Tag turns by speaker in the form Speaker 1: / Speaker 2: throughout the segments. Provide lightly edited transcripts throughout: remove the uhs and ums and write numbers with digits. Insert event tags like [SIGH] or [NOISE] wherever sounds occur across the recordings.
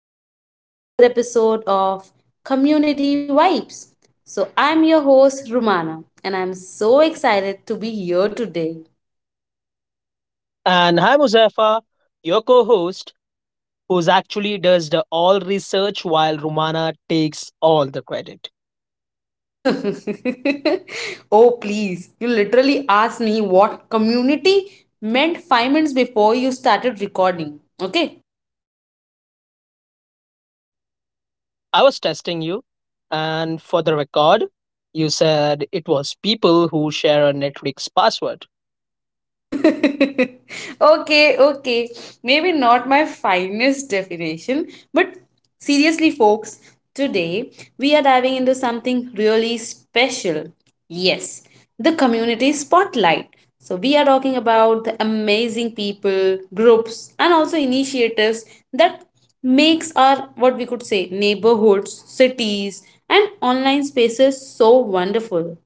Speaker 1: welcome back to another episode of Community Vibes. I'm your host, Rumana, and I'm so excited to be here today.
Speaker 2: And hi, Muzaffar, your co host, who's actually does the all research while Romana takes all the credit.
Speaker 1: [LAUGHS] Oh, please, you literally asked me what community meant 5 minutes before you started recording. Okay,
Speaker 2: I was testing you, and for the record, you said it was people who share a Netflix password.
Speaker 1: [LAUGHS] okay, okay. Maybe not my finest definition, but seriously, folks, today we are diving into something really special. Yes, the community spotlight. We are talking about the amazing people, groups, and also initiatives that makes our, what we could say, neighborhoods, cities, and online spaces so wonderful.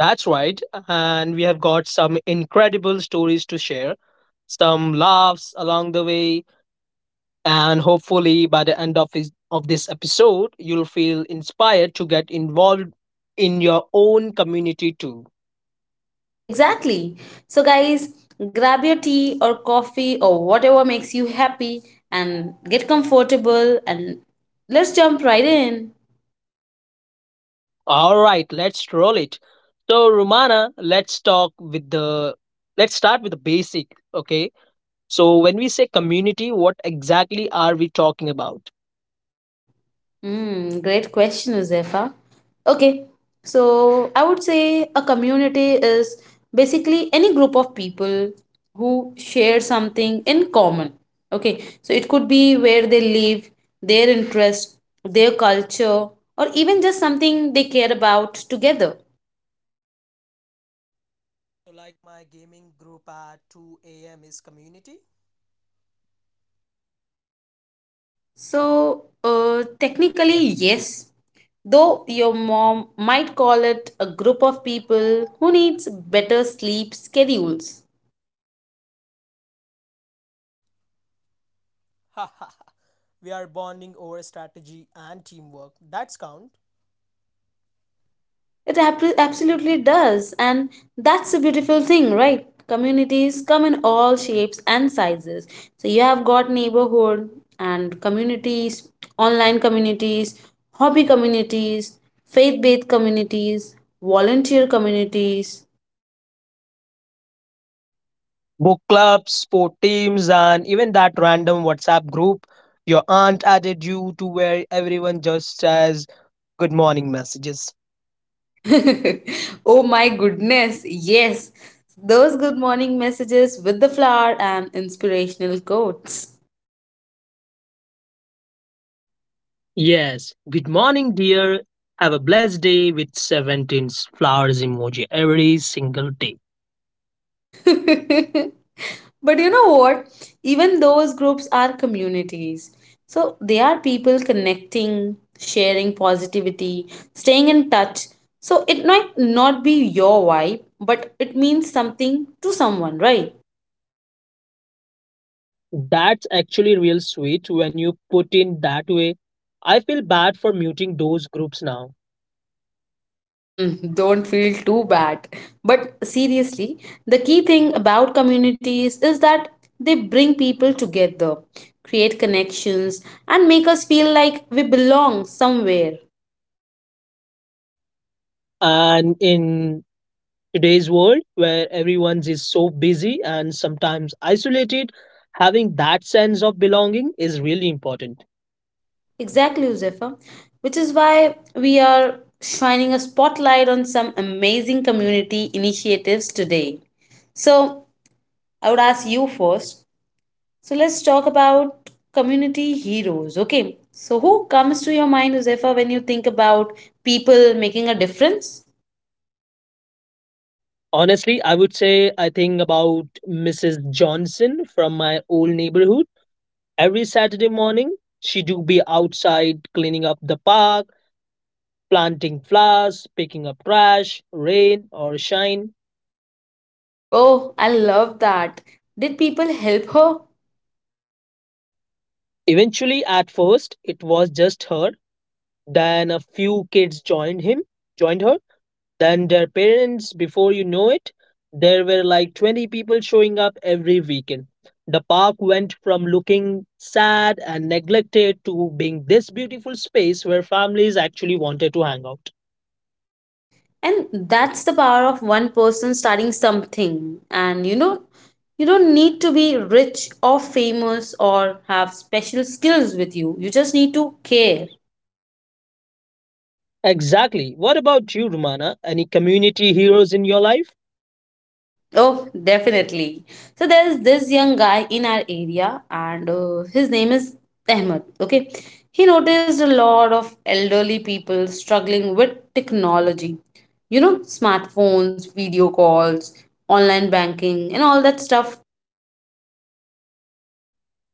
Speaker 2: That's right, and we have got some incredible stories to share, some laughs along the way, and hopefully by the end of this episode, you'll feel inspired to get involved in your own community too.
Speaker 1: Exactly. So, guys, grab your tea or coffee or whatever makes you happy and get comfortable, and let's jump right in.
Speaker 2: All right, let's roll it. So, Romana, let's start with the basic, okay? So, when we say community, what exactly are we talking about?
Speaker 1: Mm, great question, Uzefa. Okay, so I would say a community is basically any group of people who share something in common. Okay, so it could be where they live, their interest, their culture, or even just something they care about together. So technically, yes. Though your mom might call it a group of people who needs better sleep schedules. It absolutely does, and that's a beautiful thing, right? Communities come in all shapes and sizes. So you have got neighborhood and communities, online communities, hobby communities, faith-based communities, volunteer communities.
Speaker 2: Book clubs, sport teams, and even that random WhatsApp group your aunt added you to where everyone just says good morning messages.
Speaker 1: [LAUGHS] Oh my goodness, yes. Those good morning messages with the flower and inspirational quotes.
Speaker 2: Yes, good morning, dear. Have a blessed day with 17 flowers emoji every single day.
Speaker 1: [LAUGHS] But you know what? Even those groups are communities. So they are people connecting, sharing positivity, staying in touch. So it might not be your vibe, but it means something to someone, right?
Speaker 2: That's actually real sweet when you put in that way. I feel bad for muting those groups now.
Speaker 1: Mm, don't feel too bad. But seriously, the key thing about communities is that they bring people together, create connections, and make us feel like we belong somewhere.
Speaker 2: And in today's world, where everyone is so busy and sometimes isolated, having that sense of belonging is really important.
Speaker 1: Exactly, Uzefa. Which is why we are shining a spotlight on some amazing community initiatives today. So, I would ask you first. So let's talk about community heroes. Okay. So who comes to your mind, Josefa, when you think about people making a difference?
Speaker 2: Honestly, I would say I think about Mrs. Johnson from my old neighborhood. Every Saturday morning, she do be outside cleaning up the park, planting flowers, picking up trash, rain or shine.
Speaker 1: Oh, I love that. Did people help her?
Speaker 2: Eventually, at first, it was just her. Then a few kids joined her, than their parents. Before you know it, there were like 20 people showing up every weekend. The park went from looking sad and neglected to being this beautiful space where families actually wanted to hang out.
Speaker 1: And that's the power of one person starting something. And you know, you don't need to be rich or famous or have special skills with you. You just need to care.
Speaker 2: Exactly. What about you, Romana? Any community heroes in your life?
Speaker 1: Oh, definitely. So there's this young guy in our area, and his name is Ahmed. Okay, he noticed a lot of elderly people struggling with technology. You know, smartphones, video calls, online banking, and all that stuff.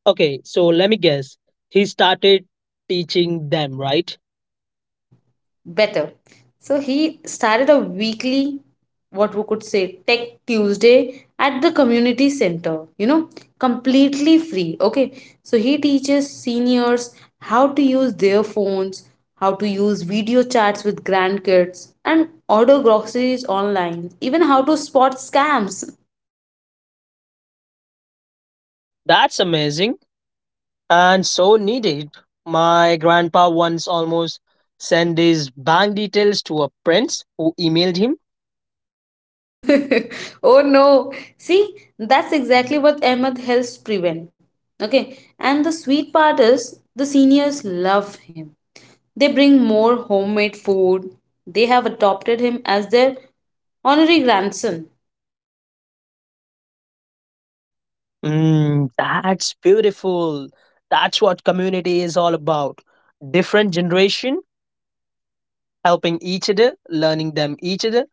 Speaker 2: Okay, so let me guess, he started teaching them, right?
Speaker 1: Better. So he started a weekly, what we could say, Tech Tuesday at the community center, you know, completely free. Okay. So he teaches seniors how to use their phones, how to use video chats with grandkids, and order groceries online, even how to spot scams.
Speaker 2: That's amazing and so needed. My grandpa once almost sent his bank details to a prince who emailed him.
Speaker 1: [LAUGHS] Oh no. See, that's exactly what Ahmed helps prevent. Okay. And the sweet part is the seniors love him. They bring more homemade food. They have adopted him as their honorary grandson.
Speaker 2: Mm, that's beautiful. That's what community is all about. Different generation helping each other, learning them each other,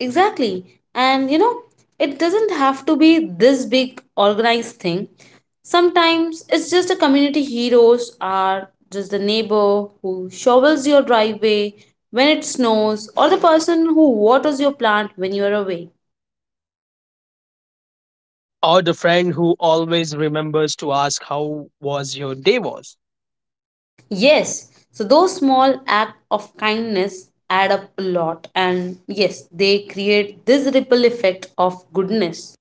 Speaker 1: Exactly. And you know, it doesn't have to be this big organized thing. Sometimes it's just the community heroes are just the neighbor who shovels your driveway when it snows or the person who waters your plant when you are away.
Speaker 2: or the friend who always remembers to ask how was your day was.
Speaker 1: Yes, so those small acts of kindness add up a lot, and yes, they create this ripple effect of goodness.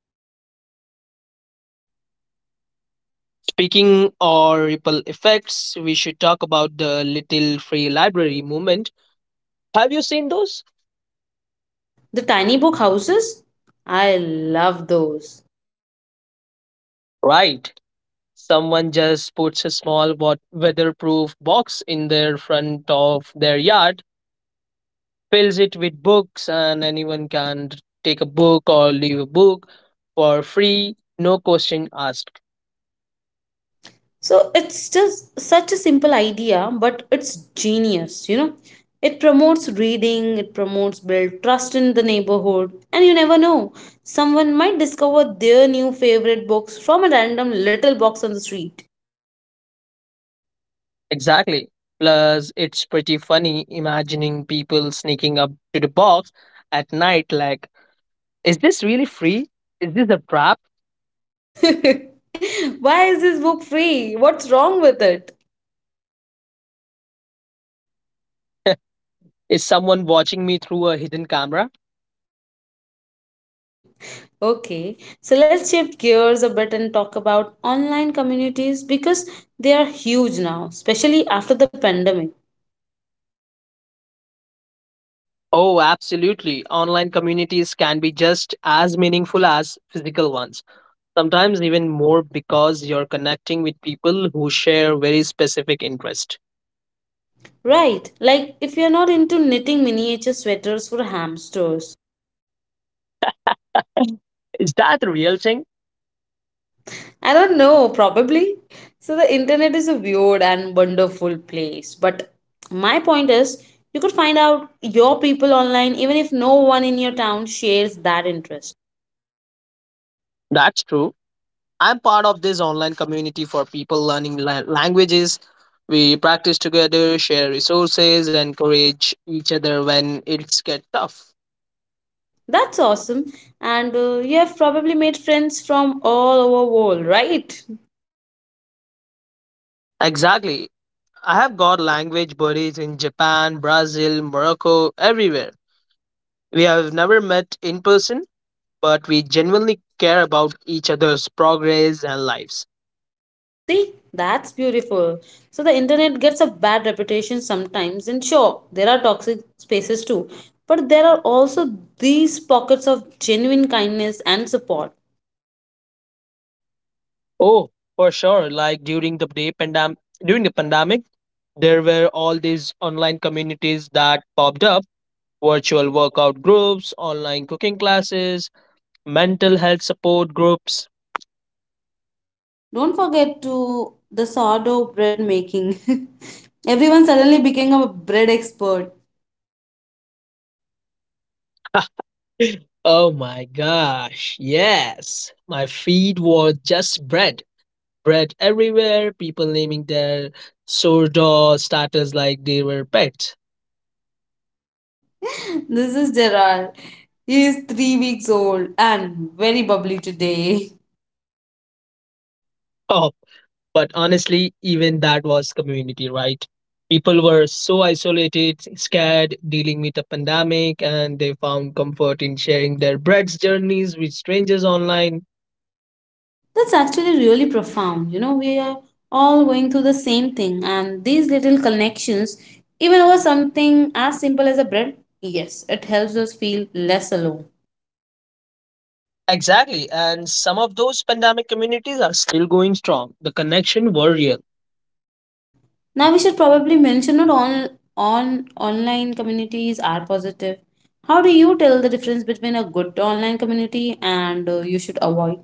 Speaker 2: Speaking or ripple effects, we should talk about the little free library movement. Have you seen those?
Speaker 1: The tiny book houses, I love those.
Speaker 2: Right. Someone just puts a small weatherproof box in their front of their yard, fills it with books, and anyone can take a book or leave a book for free, no question asked.
Speaker 1: So it's just such a simple idea, but it's genius, you know. It promotes reading, it promotes build trust in the neighborhood, and you never know, someone might discover their new favorite books from a random little box on the street.
Speaker 2: Exactly. Plus, it's pretty funny imagining people sneaking up to the box at night like, is this really free? Is this a trap? [LAUGHS]
Speaker 1: [LAUGHS] Why is this book free? What's wrong with it?
Speaker 2: Is someone watching me through a hidden camera?
Speaker 1: [LAUGHS] Okay, so let's shift gears a bit and talk about online communities because they are huge now, especially after the pandemic.
Speaker 2: Oh, absolutely. Online communities can be just as meaningful as physical ones, sometimes even more because you're connecting with people who share very specific interest.
Speaker 1: Right, like if you're not into knitting miniature sweaters for hamsters.
Speaker 2: Is that a real thing?
Speaker 1: I don't know, probably. So the internet is a weird and wonderful place, but my point is you could find out your people online even if no one in your town shares that interest.
Speaker 2: That's true. I'm part of this online community for people learning languages. We practice together, share resources, and encourage each other when it's get tough.
Speaker 1: That's awesome. And you have probably made friends from all over world, right?
Speaker 2: Exactly. I have got language buddies in Japan, Brazil, Morocco, everywhere. We have never met in person, but we genuinely care about each other's progress and lives.
Speaker 1: See, that's beautiful. So the internet gets a bad reputation sometimes, and sure, there are toxic spaces too. But there are also these pockets of genuine kindness and support.
Speaker 2: Oh, for sure. Like during the pandemic, there were all these online communities that popped up: virtual workout groups, online cooking classes, mental health support groups. [GASPS]
Speaker 1: Don't forget to the sourdough bread making. [LAUGHS] Everyone suddenly became a bread expert.
Speaker 2: [LAUGHS] Oh my gosh, yes. My feed was just bread. Bread everywhere, people naming their sourdough starters like they were pets.
Speaker 1: [LAUGHS] This is Gerard. He is 3 weeks old and very bubbly today. [LAUGHS]
Speaker 2: Oh. But honestly, even that was community, right? People were so isolated, scared, dealing with a pandemic, and they found comfort in sharing their bread's journeys with strangers online.
Speaker 1: That's actually really profound. You know, we are all going through the same thing, and these little connections, even over something as simple as a bread, yes, it helps us feel less alone.
Speaker 2: Exactly. And some of those pandemic communities are still going strong. The connection were real.
Speaker 1: Now, we should probably mention not all on online communities are positive. How do you tell the difference between a good online community and you should avoid?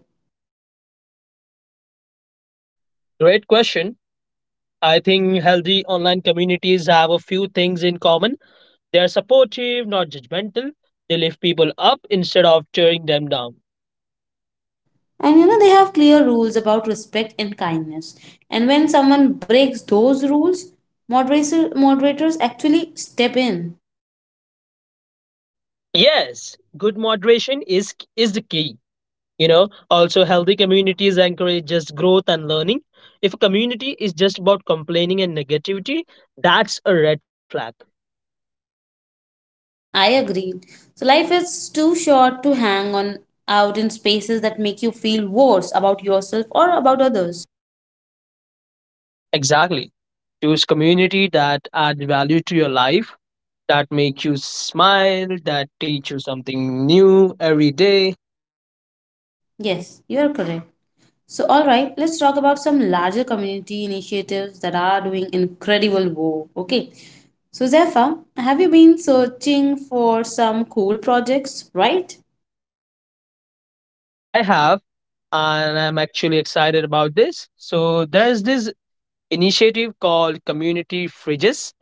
Speaker 2: Great question. I think healthy online communities have a few things in common. They are supportive, not judgmental. They lift people up instead of tearing them down.
Speaker 1: And you know, they have clear rules about respect and kindness. And when someone breaks those rules, moderators actually step in.
Speaker 2: Yes, good moderation is the key. You know, also healthy communities encourage just growth and learning. If a community is just about complaining and negativity, that's a red flag.
Speaker 1: I agreed. So life is too short to hang on out in spaces that make you feel worse about yourself or about others.
Speaker 2: Exactly. Choose community that add value to your life, that make you smile, that teach you something new every day.
Speaker 1: Yes, you're correct. So all right, let's talk about some larger community initiatives that are doing incredible work. Okay. So Zephyr, have you been searching for some cool projects, right?
Speaker 2: I have, and I'm actually excited about this. So there's this initiative called Community Fridges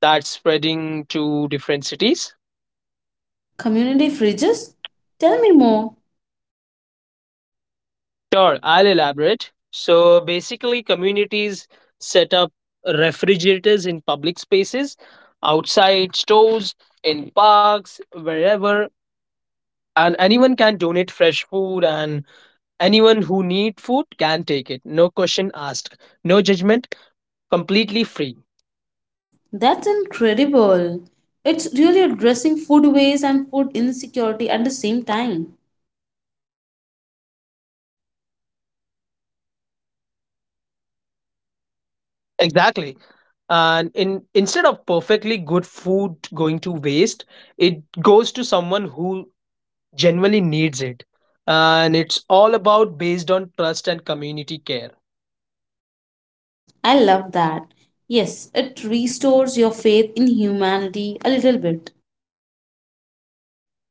Speaker 2: that's spreading to different cities.
Speaker 1: Community fridges? Tell me more.
Speaker 2: Sure, I'll elaborate. So basically, communities set up refrigerators in public spaces, outside stores, in parks, wherever, and anyone can donate fresh food, and anyone who need food can take it. No question asked, no judgment, completely free.
Speaker 1: That's incredible. It's really addressing food waste and food insecurity at the same time.
Speaker 2: Exactly. And in Instead of perfectly good food going to waste, it goes to someone who genuinely needs it. And it's all about based on trust and community care.
Speaker 1: I love that. Yes, it restores your faith in humanity a little bit.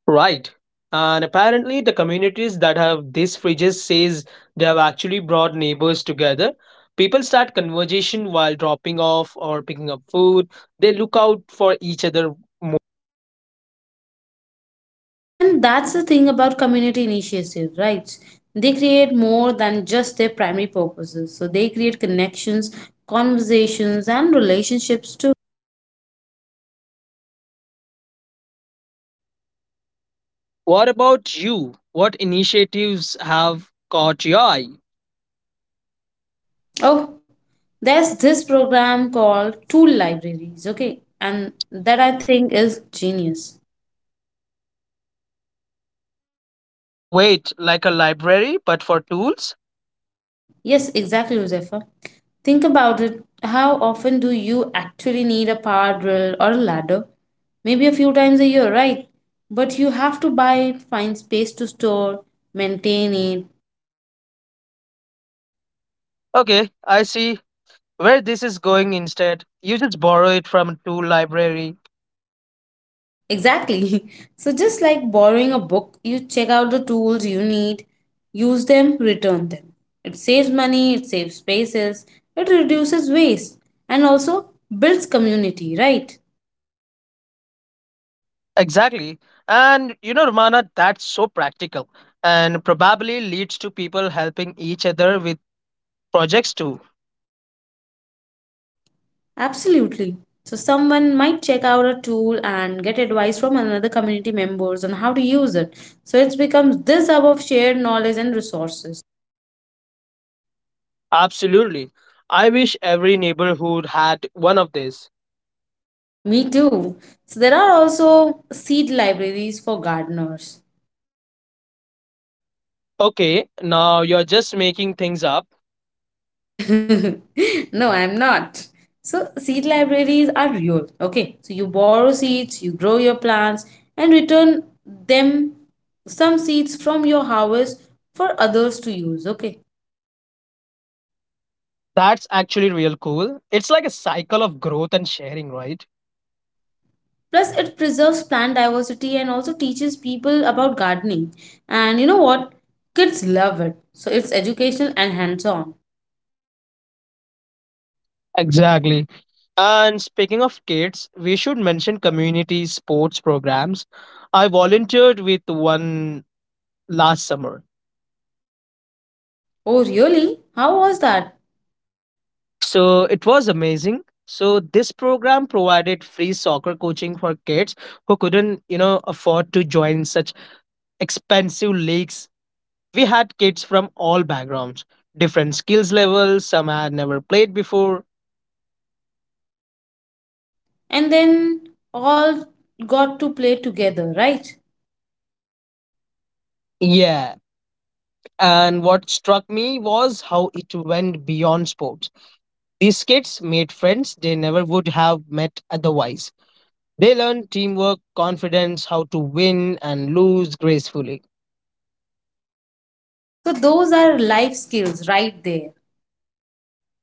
Speaker 2: Right. And apparently the communities that have these fridges says they have actually brought neighbors together. People start conversation while dropping off or picking up food. They look out for each other.
Speaker 1: And that's the thing about community initiatives, right? They create more than just their primary purposes. So they create connections, conversations, and relationships too.
Speaker 2: What about you? What initiatives have caught your eye?
Speaker 1: Oh, there's this program called Tool Libraries, okay? And that I think is genius.
Speaker 2: Wait, like a library but for tools?
Speaker 1: Yes, exactly, Josefa. Think about it. How often do you actually need a power drill or a ladder? Maybe a few times a year, right? But you have to buy it, find space to store, maintain it.
Speaker 2: Okay, I see where this is going. Instead, you just borrow it from a tool library.
Speaker 1: Exactly. [LAUGHS] So, just like borrowing a book, you check out the tools you need, use them, return them. It saves money, it saves spaces, it reduces waste, and also builds community, right?
Speaker 2: Exactly. And you know, Romana, that's so practical and probably leads to people helping each other with projects too.
Speaker 1: Absolutely. So someone might check out a tool and get advice from another community members on how to use it. So it becomes this hub of shared knowledge and resources.
Speaker 2: Absolutely. I wish every neighborhood had one of these.
Speaker 1: Me too. So there are also seed libraries for gardeners.
Speaker 2: Okay, now you're just making things up.
Speaker 1: [LAUGHS] No, I'm not. So seed libraries are real. Okay. So you borrow seeds, you grow your plants and return them some seeds from your harvest for others to use. Okay.
Speaker 2: That's actually real cool. It's like a cycle of growth and sharing, right?
Speaker 1: Plus it preserves plant diversity and also teaches people about gardening, and you know what, kids love it, so it's educational and hands on.
Speaker 2: Exactly. And speaking of kids, we should mention community sports programs. I volunteered with one last summer.
Speaker 1: Oh really, how was that?
Speaker 2: So it was amazing. So this program provided free soccer coaching for kids who couldn't, you know, afford to join such expensive leagues. We had kids from all backgrounds, different skills levels, some had never played before.
Speaker 1: And then all got to play together, right?
Speaker 2: Yeah. And what struck me was how it went beyond sports. These kids made friends they never would have met otherwise. They learned teamwork, confidence, how to win and lose gracefully.
Speaker 1: So those are life skills right there.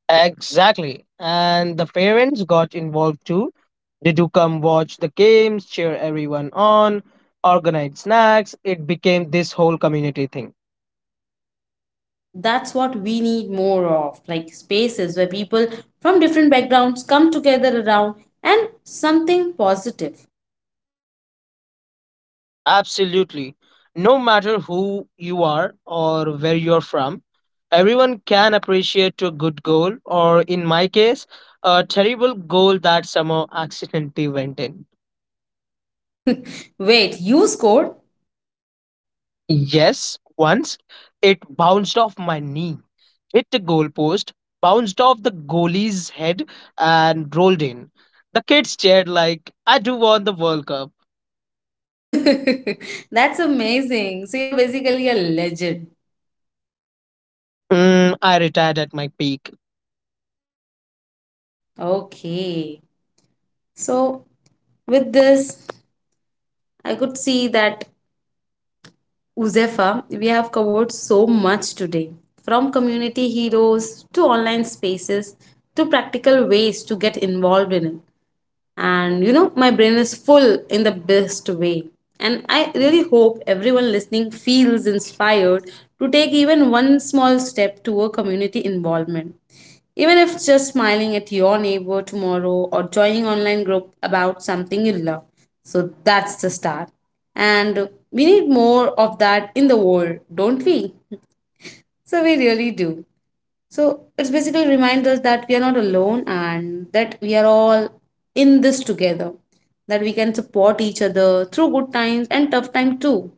Speaker 2: Exactly. And the parents got involved too. They do come watch the games, cheer everyone on, organize snacks. It became this whole community thing.
Speaker 1: That's what we need more of, like spaces where people from different backgrounds come together around and something positive.
Speaker 2: Absolutely. No matter who you are or where you're from, everyone can appreciate a good goal, or in my case, a terrible goal that somehow accidentally went in.
Speaker 1: [LAUGHS] Wait, you scored?
Speaker 2: Yes, once it bounced off my knee, hit the goalpost, bounced off the goalie's head, and rolled in. The kids cheered like, I do want the World Cup.
Speaker 1: [LAUGHS] That's amazing. So you're basically a legend.
Speaker 2: Mm, I retired at my peak.
Speaker 1: Okay. So with this, I could see that Uzefa, we have covered so much today, from community heroes to online spaces to practical ways to get involved in it. And you know, my brain is full in the best way, and I really hope everyone listening feels inspired to take even one small step toward community involvement, even if just smiling at your neighbor tomorrow or joining online group about something you love. So that's the start, and we need more of that in the world, don't we? So we really do. So it's basically reminds us that we are not alone and that we are all in this together, that we can support each other through good times and tough time too.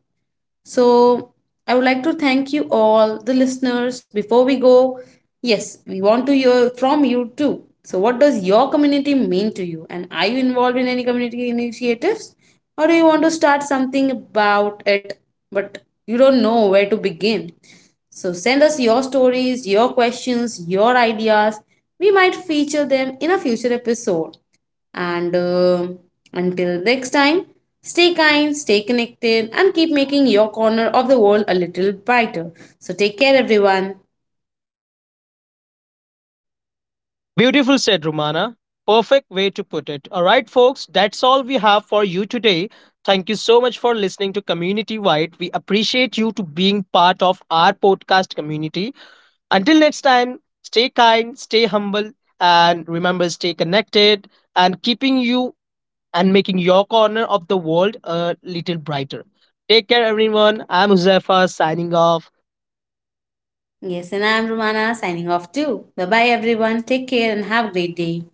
Speaker 1: So I would like to thank you all, the listeners. Before we go, yes, we want to hear from you too. So, what does your community mean to you? And are you involved in any community initiatives? Or do you want to start something about it, but you don't know where to begin? So, send us your stories, your questions, your ideas. We might feature them in a future episode. And until next time, stay kind, stay connected, and keep making your corner of the world a little brighter. So take care, everyone.
Speaker 2: Beautiful, said Romana. Perfect way to put it. All right, folks, that's all we have for you today. Thank you so much for listening to Community Wide. We appreciate you to being part of our podcast community. Until next time, stay kind, stay humble, and remember stay connected and keeping you and making your corner of the world a little brighter. Take care, everyone. I'm Huzaifa signing off.
Speaker 1: Yes, and I'm Romana signing off too. Bye bye, everyone. Take care and have a great day.